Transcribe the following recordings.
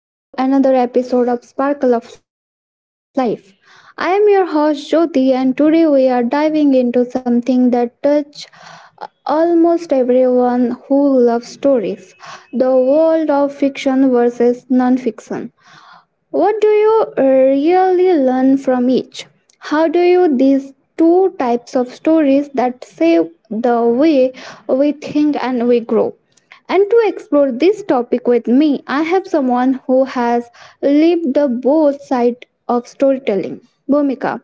Hello and welcome back to another episode of Sparkle of Life. I am your host Jyoti and today we are diving into something that touches almost everyone who loves stories. The world of fiction versus non-fiction. What do you really learn from each? How do you these two types of stories that save the way we think and we grow? And to explore this topic with me, I have someone who has lived the both sides of storytelling. Bhumika,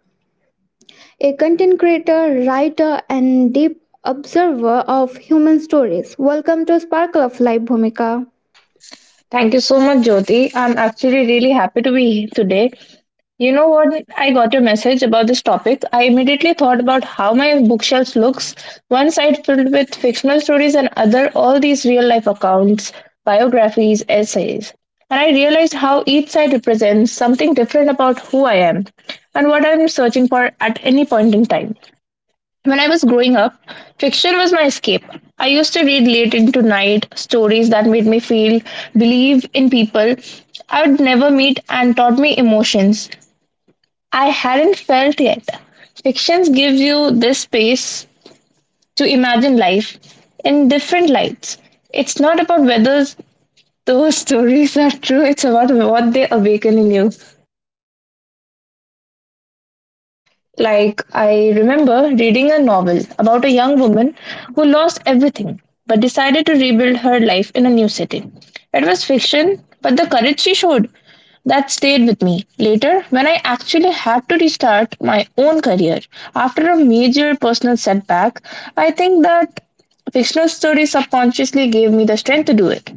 a content creator, writer, and deep observer of human stories. Welcome to Sparkle of Life, Bhumika. Thank you so much, Jyoti. I'm actually really happy to be here today. You know what? I got your message about this topic. I immediately thought about how my bookshelves looks. One side filled with fictional stories and other all these real life accounts, biographies, essays. And I realized how each side represents something different about who I am and what I'm searching for at any point in time. When I was growing up, fiction was my escape. I used to read late into night stories that made me feel, believe in people I would never meet, and taught me emotions I hadn't felt yet. Fictions gives you this space to imagine life in different lights. It's not about whether those stories are true, it's about what they awaken in you. Like, I remember reading a novel about a young woman who lost everything but decided to rebuild her life in a new city. It was fiction, but the courage she showed that stayed with me. Later, when I actually had to restart my own career after a major personal setback, I think that fictional story subconsciously gave me the strength to do it.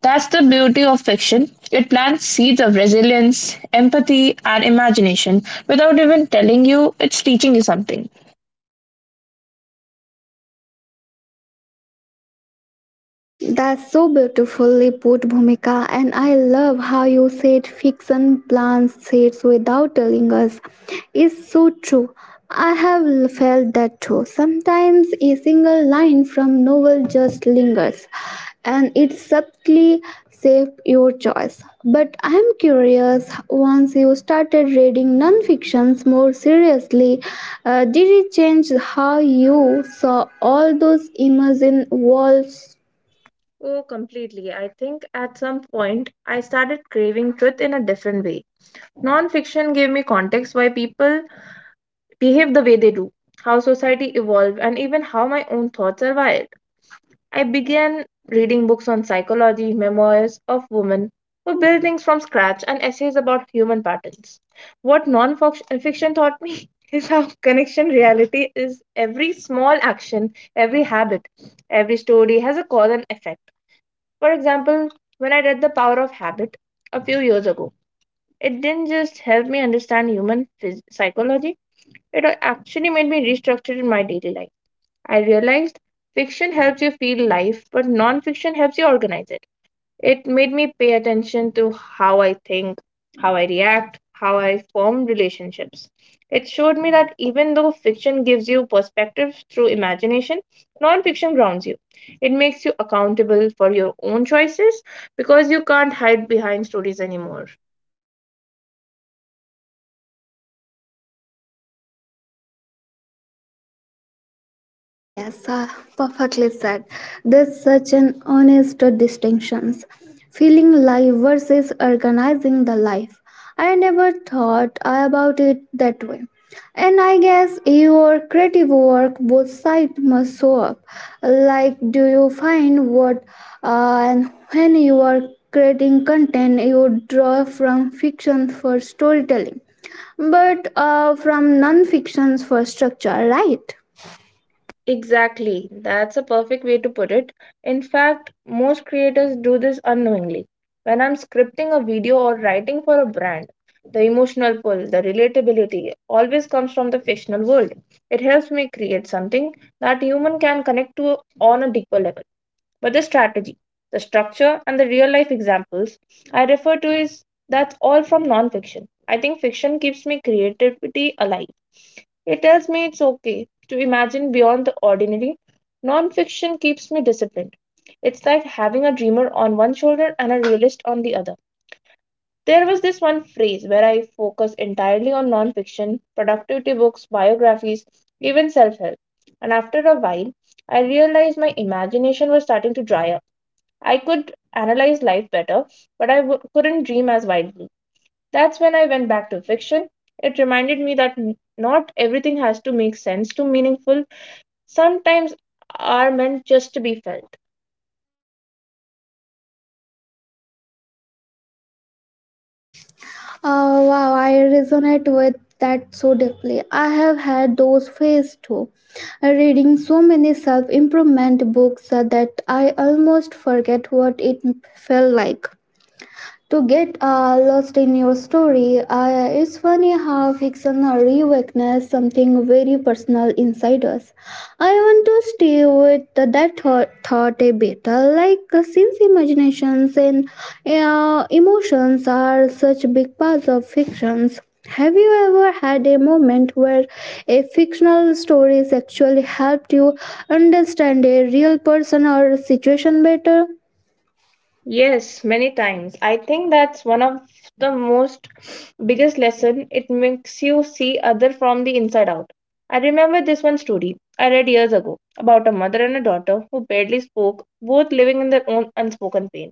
That's the beauty of fiction. It plants seeds of resilience, empathy, and imagination without even telling you it's teaching you something. That's so beautifully put, Bhumika, and I love how you said fiction plans shades without telling us. It's so true. I have felt that too. Sometimes a single line from novel just lingers, and it subtly shapes your choice. But I'm curious. Once you started reading non-fictions more seriously, did it change how you saw all those imagined worlds? Oh, completely. I think at some point I started craving truth in a different way. Non-fiction gave me context why people behave the way they do, how society evolved, and even how my own thoughts are wired. I began reading books on psychology, memoirs of women who build things from scratch, and essays about human patterns. What non fiction taught me is how connection reality is every small action, every habit, every story has a cause and effect. For example, when I read The Power of Habit a few years ago, it didn't just help me understand psychology, it actually made me restructure in my daily life. I realized fiction helps you feel life, but non-fiction helps you organize it. It made me pay attention to how I think, how I react, how I form relationships. It showed me that even though fiction gives you perspective through imagination, non-fiction grounds you. It makes you accountable for your own choices because you can't hide behind stories anymore. Yes, perfectly said. There's such an honest distinctions. Feeling life versus organizing the life. I never thought about it that way. And I guess your creative work, both sides must show up. Like, do you find what and when you are creating content, you draw from fiction for storytelling, but from non-fictions for structure, right? Exactly, that's a perfect way to put it. In fact, most creators do this unknowingly. When I'm scripting a video or writing for a brand, the emotional pull, the relatability always comes from the fictional world. It helps me create something that human can connect to on a deeper level. But the strategy, the structure, and the real life examples I refer to is that's all from non-fiction. I think fiction keeps me creativity alive. It tells me it's okay to imagine beyond the ordinary. Non-fiction keeps me disciplined. It's like having a dreamer on one shoulder and a realist on the other. There was this one phrase where I focused entirely on non-fiction, productivity books, biographies, even self help. And after a while, I realized my imagination was starting to dry up. I could analyze life better, but I couldn't dream as widely. That's when I went back to fiction. It reminded me that not everything has to make sense to meaningful. Sometimes are meant just to be felt. Wow, I resonate with that so deeply. I have had those phases too. Reading so many self improvement books that I almost forget what it felt like to get lost in your story. It's funny how fiction reawakens something very personal inside us. I want to stay with that thought a bit. Like, since imaginations and emotions are such big parts of fictions, have you ever had a moment where a fictional story actually helped you understand a real person or situation better? Yes, many times. I think that's one of the most biggest lesson. It makes you see other from the inside out. I remember this one story I read years ago about a mother and a daughter who barely spoke, both living in their own unspoken pain.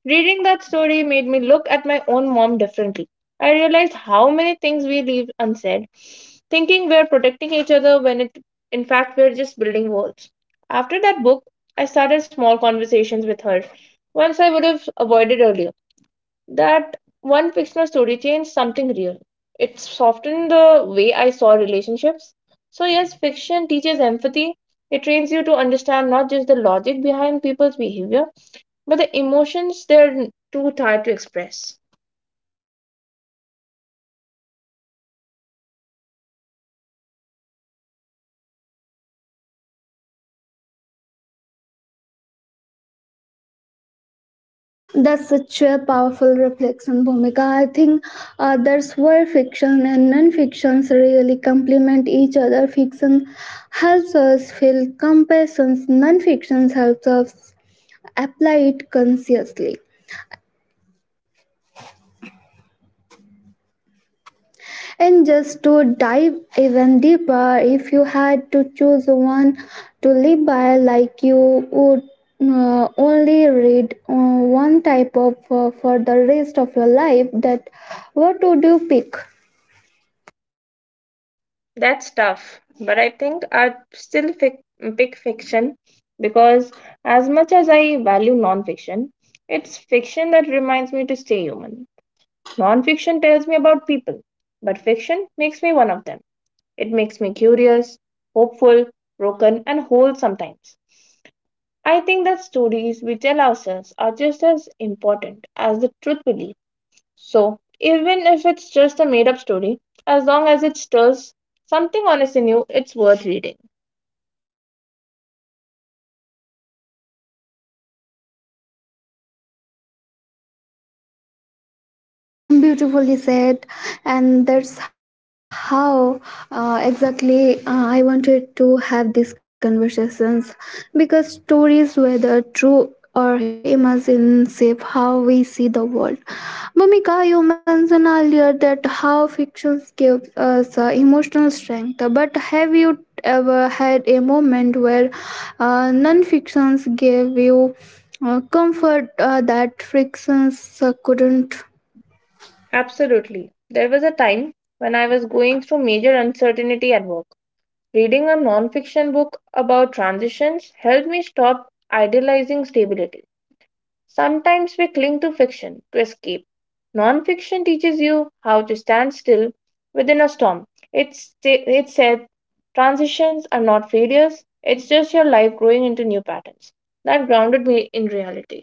Reading that story made me look at my own mom differently. I realized how many things we leave unsaid, thinking we're protecting each other when it in fact we're just building walls. After that book, I started small conversations with her once I would have avoided earlier. That one fictional story changed something real. It softened the way I saw relationships. So, yes, fiction teaches empathy. It trains you to understand not just the logic behind people's behavior, but the emotions they're too tired to express. That's such a powerful reflection, Bhumika. I think that's where fiction and non-fictions really complement each other. Fiction helps us feel compassion. Non-fiction helps us apply it consciously. And just to dive even deeper, if you had to choose one to live by, like you would only read one type of for the rest of your life, that what would you pick? That's tough. But I think I'd pick fiction because, as much as I value non fiction, it's fiction that reminds me to stay human. Non-fiction tells me about people, but fiction makes me one of them. It makes me curious, hopeful, broken, and whole sometimes. I think that stories we tell ourselves are just as important as the truth we leave. So, even if it's just a made up story, as long as it stirs something honest in you, it's worth reading. Beautifully said, and that's how exactly I wanted to have these conversations because stories whether true or imagined shape how we see the world. Bhumika, you mentioned earlier that how fiction gives us emotional strength, but have you ever had a moment where non-fictions gave you comfort that fictions couldn't? Absolutely. There was a time when I was going through major uncertainty at work. Reading a nonfiction book about transitions helped me stop idealizing stability. Sometimes we cling to fiction to escape. Nonfiction teaches you how to stand still within a storm. It said transitions are not failures, it's just your life growing into new patterns. That grounded me in reality.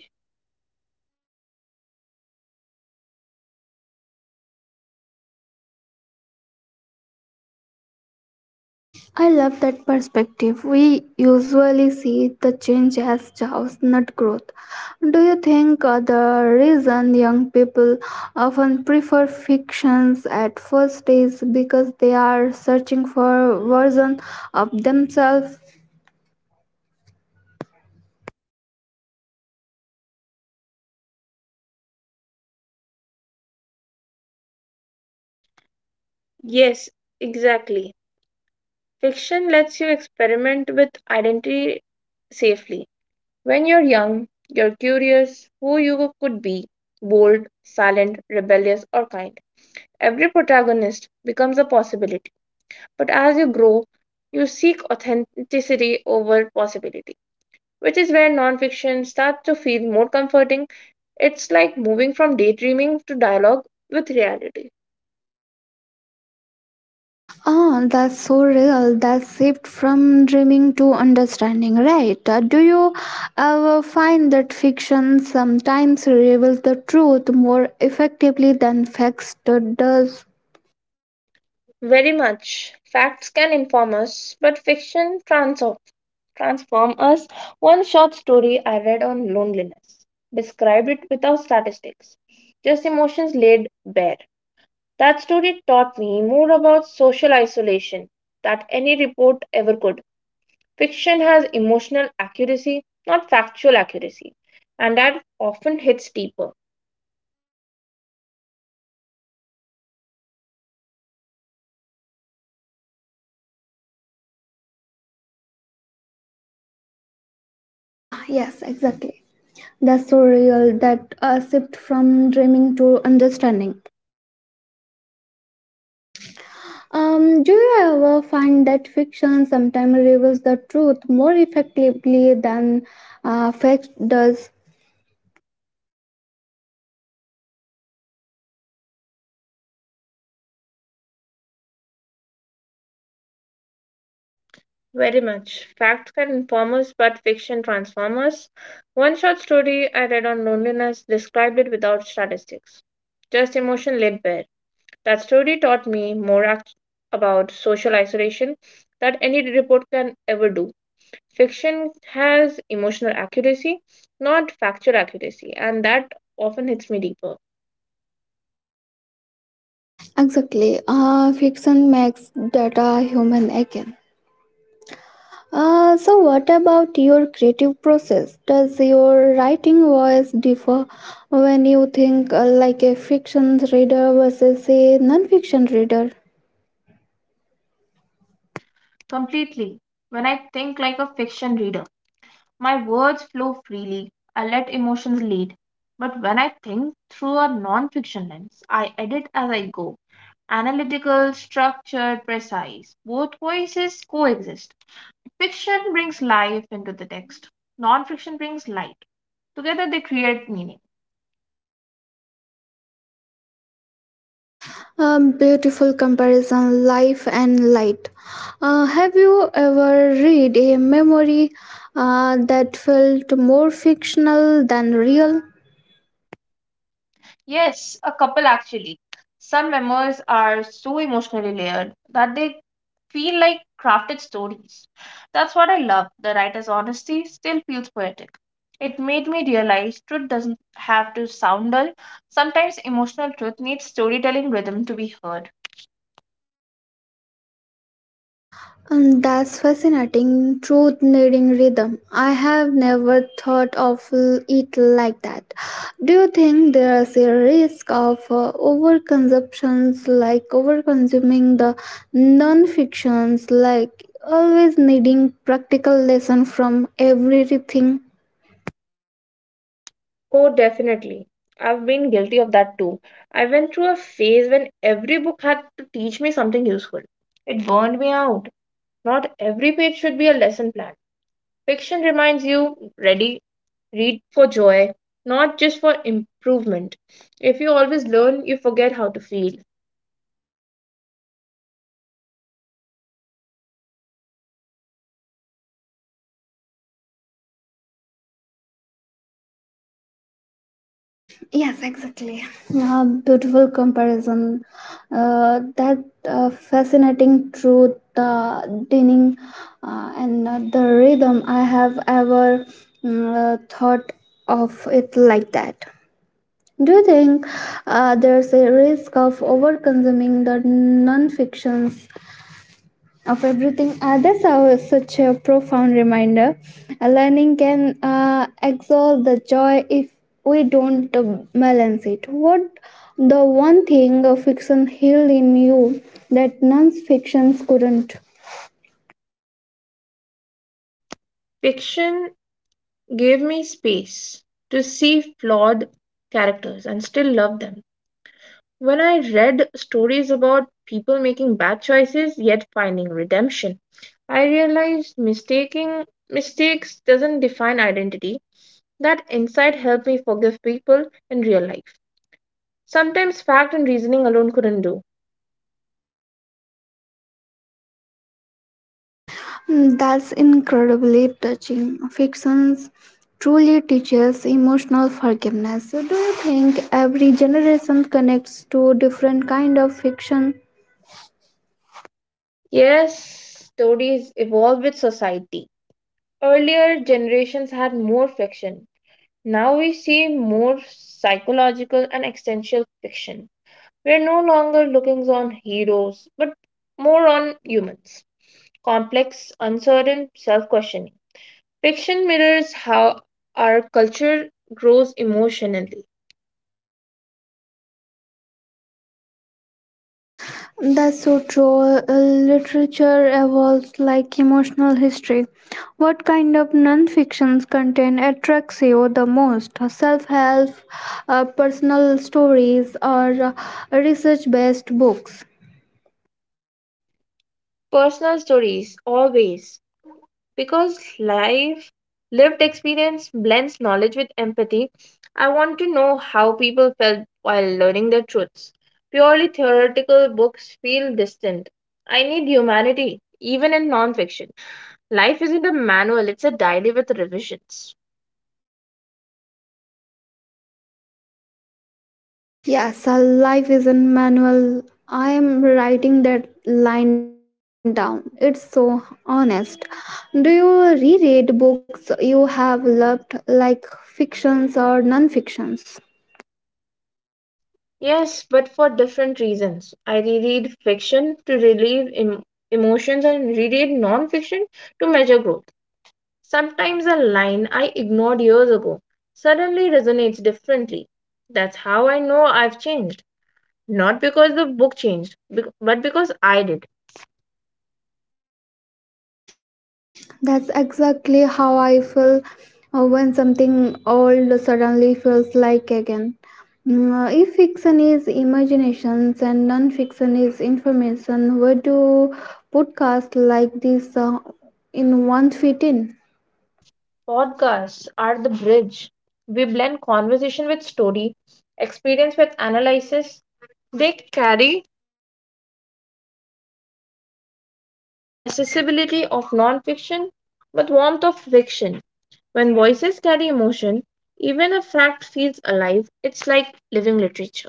I love that perspective. We usually see the change as chaos, not growth. Do you think the reason young people often prefer fictions at first is because they are searching for version of themselves? Yes, exactly. Fiction lets you experiment with identity safely. When you're young, you're curious who you could be bold, silent, rebellious, or kind. Every protagonist becomes a possibility. But as you grow, you seek authenticity over possibility, which is where nonfiction starts to feel more comforting. It's like moving from daydreaming to dialogue with reality. Oh, that's so real. That shift from dreaming to understanding, right? Do you ever find that fiction sometimes reveals the truth more effectively than facts does? Very much. Facts can inform us, but transform us. One short story I read on loneliness described it without statistics, just emotions laid bare. That story taught me more about social isolation that any report ever could. Fiction has emotional accuracy, not factual accuracy, and that often hits deeper. Ah, yes, exactly. That's so real that shift from dreaming to understanding. Do you ever find that fiction sometimes reveals the truth more effectively than fact does? Very much. Facts can inform us, but fiction transform us. One short story I read on loneliness described it without statistics, just emotion laid bare. That story taught me about social isolation that any report can ever do. Fiction has emotional accuracy, not factual accuracy, and that often hits me deeper. Exactly. Fiction makes data human again. So, what about your creative process? Does your writing voice differ when you think like a fiction reader versus a non fiction reader? Completely. When I think like a fiction reader, my words flow freely. I let emotions lead. But when I think through a non fiction lens, I edit as I go. Analytical, structured, precise. Both voices coexist. Fiction brings life into the text, non fiction brings light. Together they create meaning. Beautiful comparison, life and light. Have you ever read a memory that felt more fictional than real? Yes, a couple actually. Some memoirs are so emotionally layered that they feel like crafted stories. That's what I love. The writer's honesty still feels poetic. It made me realize truth doesn't have to sound dull. Sometimes emotional truth needs storytelling rhythm to be heard. And that's fascinating. Truth needing rhythm. I have never thought of it like that. Do you think there's a risk of overconsumptions, like overconsuming the non-fictions, like always needing practical lesson from everything? Oh, definitely. I've been guilty of that too. I went through a phase when every book had to teach me something useful. It burned me out. Not every page should be a lesson plan. Fiction reminds you ready, read for joy, not just for improvement. If you always learn, you forget how to feel. Yes, exactly. Beautiful comparison. That fascinating truth, the dining, and the rhythm. I have ever thought of it like that. Do you think there's a risk of overconsuming the non-fictions of everything. That's our, such a profound reminder. Learning can exalt the joy if we don't balance it. What the one thing a fiction healed in you that non-fictions couldn't? Fiction gave me space to see flawed characters and still love them. When I read stories about people making bad choices yet finding redemption, I realized mistaking mistakes doesn't define identity. That insight helped me forgive people in real life. Sometimes fact and reasoning alone couldn't do. Mm, that's incredibly touching. Fictions truly teaches emotional forgiveness. So do you think every generation connects to different kind of fiction? Yes, stories evolve with society. Earlier generations had more fiction. Now we see more psychological and existential fiction. We're no longer looking on heroes, but more on humans. Complex, uncertain, self questioning. Fiction mirrors how our culture grows emotionally. That's so true. Literature evolves like emotional history. What kind of non-fiction content attracts you the most? Self-help, personal stories, or research-based books? Personal stories, always. Because life, lived experience blends knowledge with empathy, I want to know how people felt while learning their truths. Purely theoretical books feel distant. I need humanity, even in nonfiction. Life isn't a manual, it's a diary with revisions. Yes, life is a manual. I am writing that line down. It's so honest. Do you reread books you have loved, like fictions or non-fictions? Yes, but for different reasons. I reread fiction to emotions and reread nonfiction to measure growth. Sometimes a line I ignored years ago suddenly resonates differently. That's how I know I've changed. Not because the book changed, but because I did. That's exactly how I feel when something old suddenly feels like again. Mm, if fiction is imaginations and non-fiction is information, where do podcasts like this in one fit in? Podcasts are the bridge. We blend conversation with story, experience with analysis. They carry the accessibility of nonfiction but warmth of fiction. When voices carry emotion, even a fact feels alive. It's like living literature.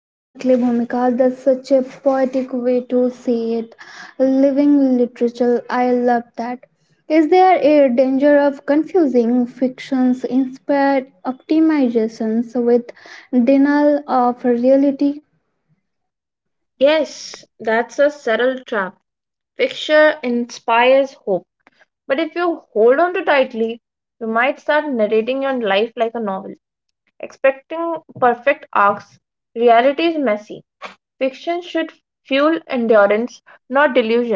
Exactly, Bhumika. That's such a poetic way to say it. Living literature, I love that. Is there a danger of confusing fiction's inspired optimizations with denial of reality? Yes, that's a subtle trap. Fiction inspires hope, but if you hold on too tightly, you might start narrating your life like a novel, expecting perfect arcs. Reality is messy. Fiction should fuel endurance, not delusion.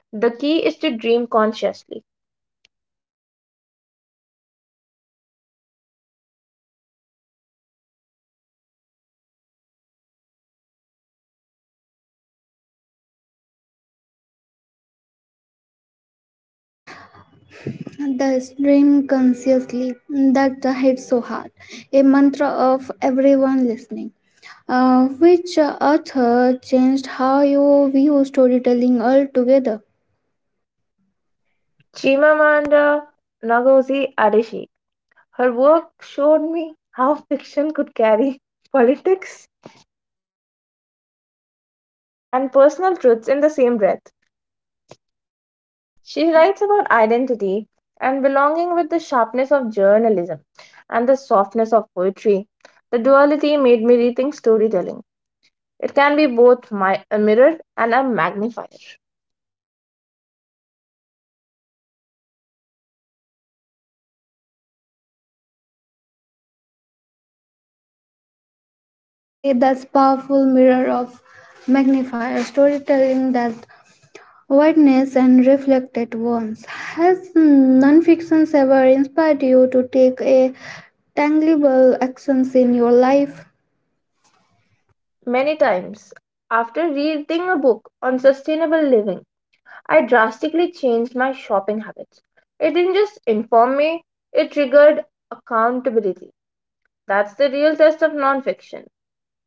The key is to dream consciously. The stream consciously that hits so hard, a mantra of everyone listening. Which author changed how you view storytelling altogether? Chimamanda Ngozi Adichie. Her work showed me how fiction could carry politics and personal truths in the same breath. She writes about identity and belonging with the sharpness of journalism and the softness of poetry. The duality made me rethink storytelling. It can be both a mirror and a magnifier. Yes, exactly. That's powerful mirror of magnifier storytelling that witness and reflected once. Has nonfictions ever inspired you to take a tangible actions in your life? Many times, after reading a book on sustainable living, I drastically changed my shopping habits. It didn't just inform me, it triggered accountability. That's the real test of nonfiction.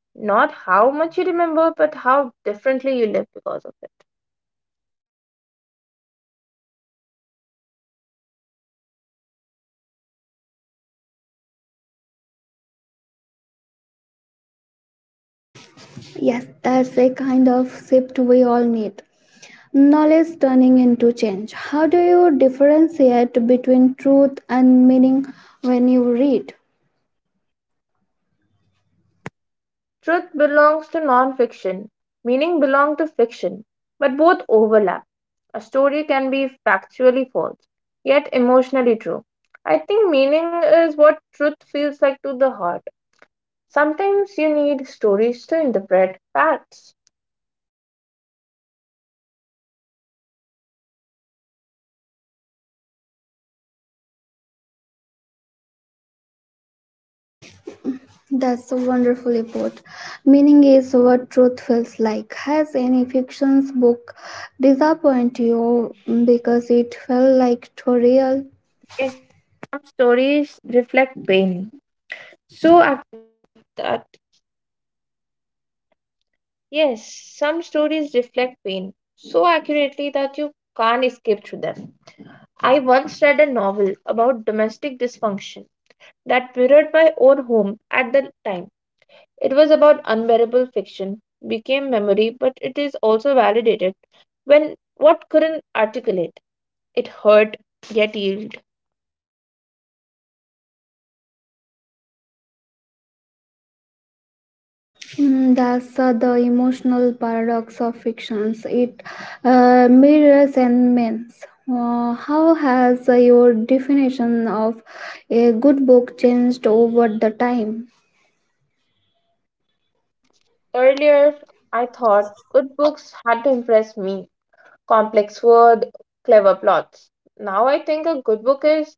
Not how much you remember, but how differently you live because of it. Yes, that's a kind of shift we all need. Knowledge turning into change. How do you differentiate between truth and meaning when you read? Truth belongs to non-fiction, meaning belong to fiction, but both overlap. A story can be factually false, yet emotionally true. I think meaning is what truth feels like to the heart. Sometimes you need stories to interpret facts. That's so wonderfully put. Meaning is what truth feels like. Has any fiction's book disappointed you because it felt like too real? Pain so accurately that you can't escape through them. I once read a novel about domestic dysfunction that mirrored my own home at the time. It was about unbearable fiction, became memory, but it is also validated when what couldn't articulate. It hurt, yet healed. Mm, that's the emotional paradox of fictions. It mirrors and means. How has your definition of a good book changed over the time? Earlier, I thought good books had to impress me. Complex word, clever plots. Now I think a good book is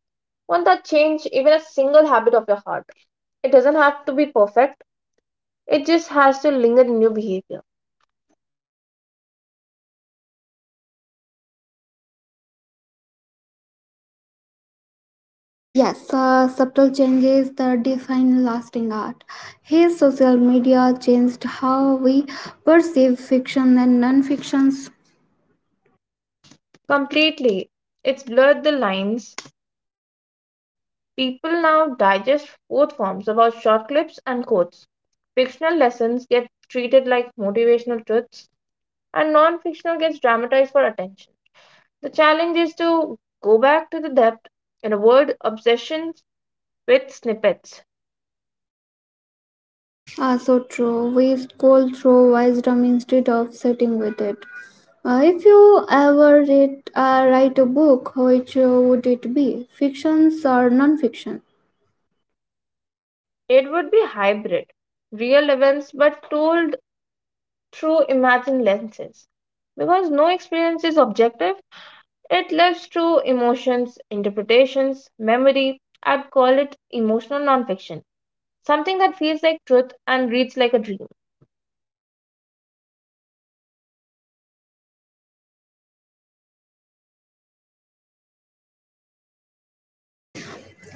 one that changes even a single habit of your heart. It doesn't have to be perfect, it just has to linger in your behavior. Yes, subtle changes that define lasting art. His social media changed how we perceive fiction and non-fictions. Completely. It's blurred the lines. People now digest both forms about short clips and quotes. Fictional lessons get treated like motivational truths, and non fictional gets dramatized for attention. The challenge is to go back to the depth in a word obsession with snippets. Are so true. We scroll through wisdom instead of sitting with it. If you ever read, write a book, which would it be? Fictions or non-fiction? It would be hybrid, real events but told through imagined lenses because no experience is objective. It lives through emotions, interpretations, memory. I'd call it emotional nonfiction, something that feels like truth and reads like a dream.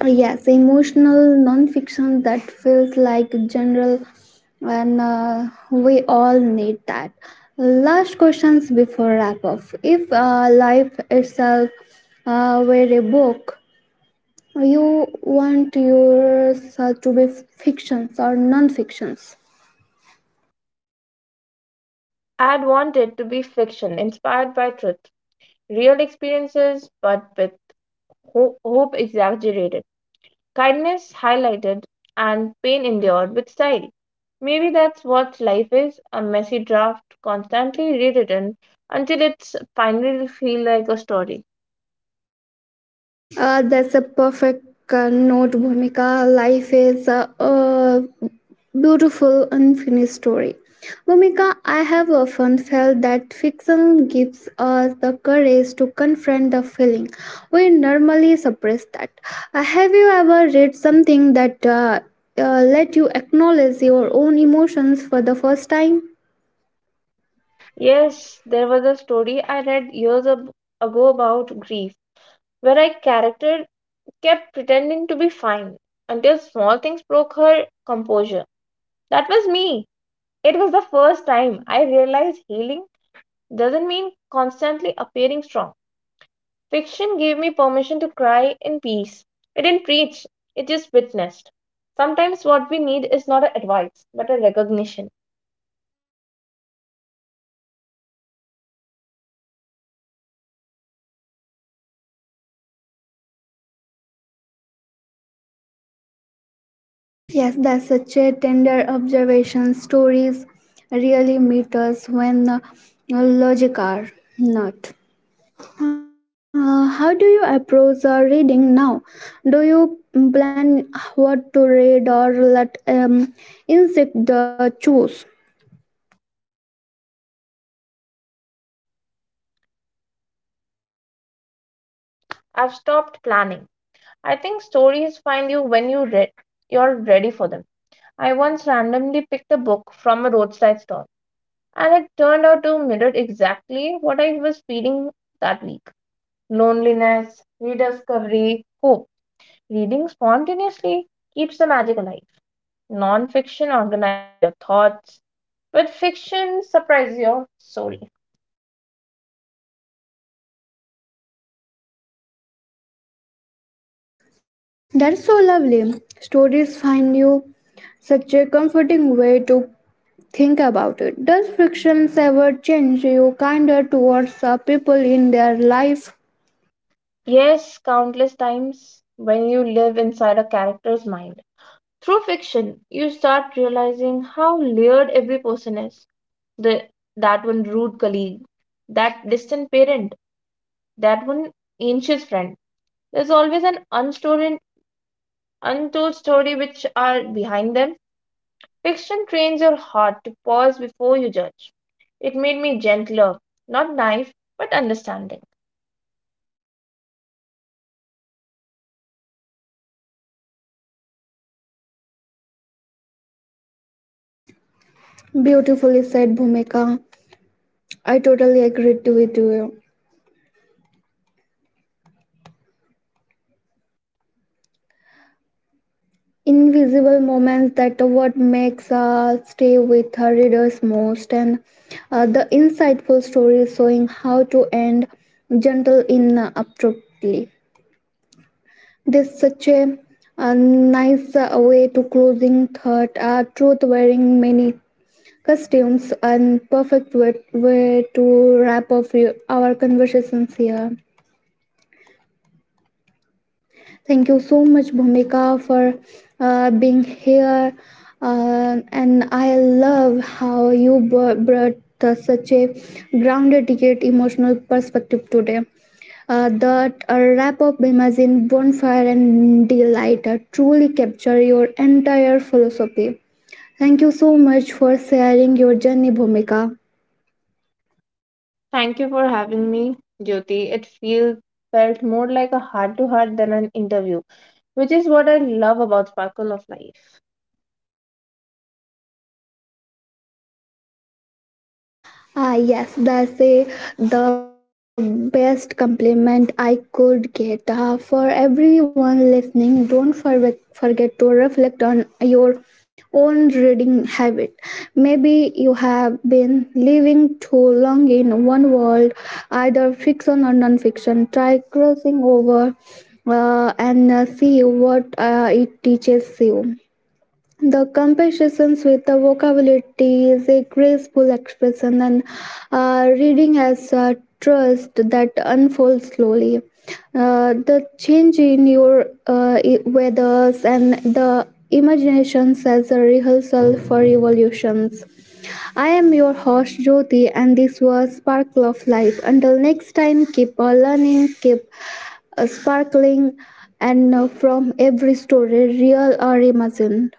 Yes, emotional non-fiction that feels like general, and we all need that last questions before wrap up. If life itself were a book, you want yours to be fictions or non-fictions? I'd want it to be fiction inspired by truth, real experiences, but with hope exaggerated, kindness highlighted, and pain endured with style. Maybe that's what life is, a messy draft, constantly rewritten until it's finally feel like a story. That's a perfect note, Bhumika. Life is a beautiful, unfinished story. Bhumika, I have often felt that fiction gives us the courage to confront the feeling. We normally suppress that. Have you ever read something that let you acknowledge your own emotions for the first time? Yes, there was a story I read ago about grief, where a character kept pretending to be fine until small things broke her composure. That was me. It was the first time I realized healing doesn't mean constantly appearing strong. Fiction gave me permission to cry in peace. It didn't preach, it just witnessed. Sometimes what we need is not a advice, but a recognition. Yes, that's such a tender observation. Stories really meet us when logic are not. How do you approach reading now? Do you plan what to read or let insect choose? I've stopped planning. I think stories find you when you read you're ready for them. I once randomly picked a book from a roadside stall, and it turned out to mirror exactly what I was feeling that week loneliness, rediscovery, hope. Reading spontaneously keeps the magic alive. Non fiction organizes your thoughts, but fiction surprises your soul. That's so lovely. Stories find you, such a comforting way to think about it. Does frictions ever change you kinder towards people in their life? Yes, countless times when you live inside a character's mind. Through fiction, you start realizing how layered every person is the that one rude colleague, that distant parent, that one anxious friend. There's always an untold story which are behind them. Fiction trains your heart to pause before you judge. It made me gentler, not naive, but understanding. Beautifully said, Bhumika. I totally agreed with you. Invisible moments that are what makes stay with her readers most, and the insightful stories showing how to end gentle in abruptly. This such a, nice way to closing thought. Truth wearing many costumes and perfect way to wrap up your- our conversations here. Thank you so much, Bhumika, for being here. And I love how you brought the- such a grounded yet emotional perspective today. That a wrap up. Imagine Bonfire and Delight truly capture your entire philosophy. Thank you so much for sharing your journey, Bhumika. Thank you for having me, Jyoti. It feels felt more like a heart to heart than an interview, which is what I love about Sparkle of Life. Ah, yes, that's a, the best compliment I could get. Ah, for everyone listening, don't forget to reflect on your own reading habit. Maybe you have been living too long in one world, either fiction or non fiction. Try crossing over, and see what it teaches you. The compositions with the vocabulary is a graceful expression, and reading as a trust that unfolds slowly. The change in your weathers and the imaginations as a rehearsal for evolutions. I am your host Jyoti, and this was Sparkle of Life. Until next time, keep learning, keep sparkling, and from every story, real or imagined.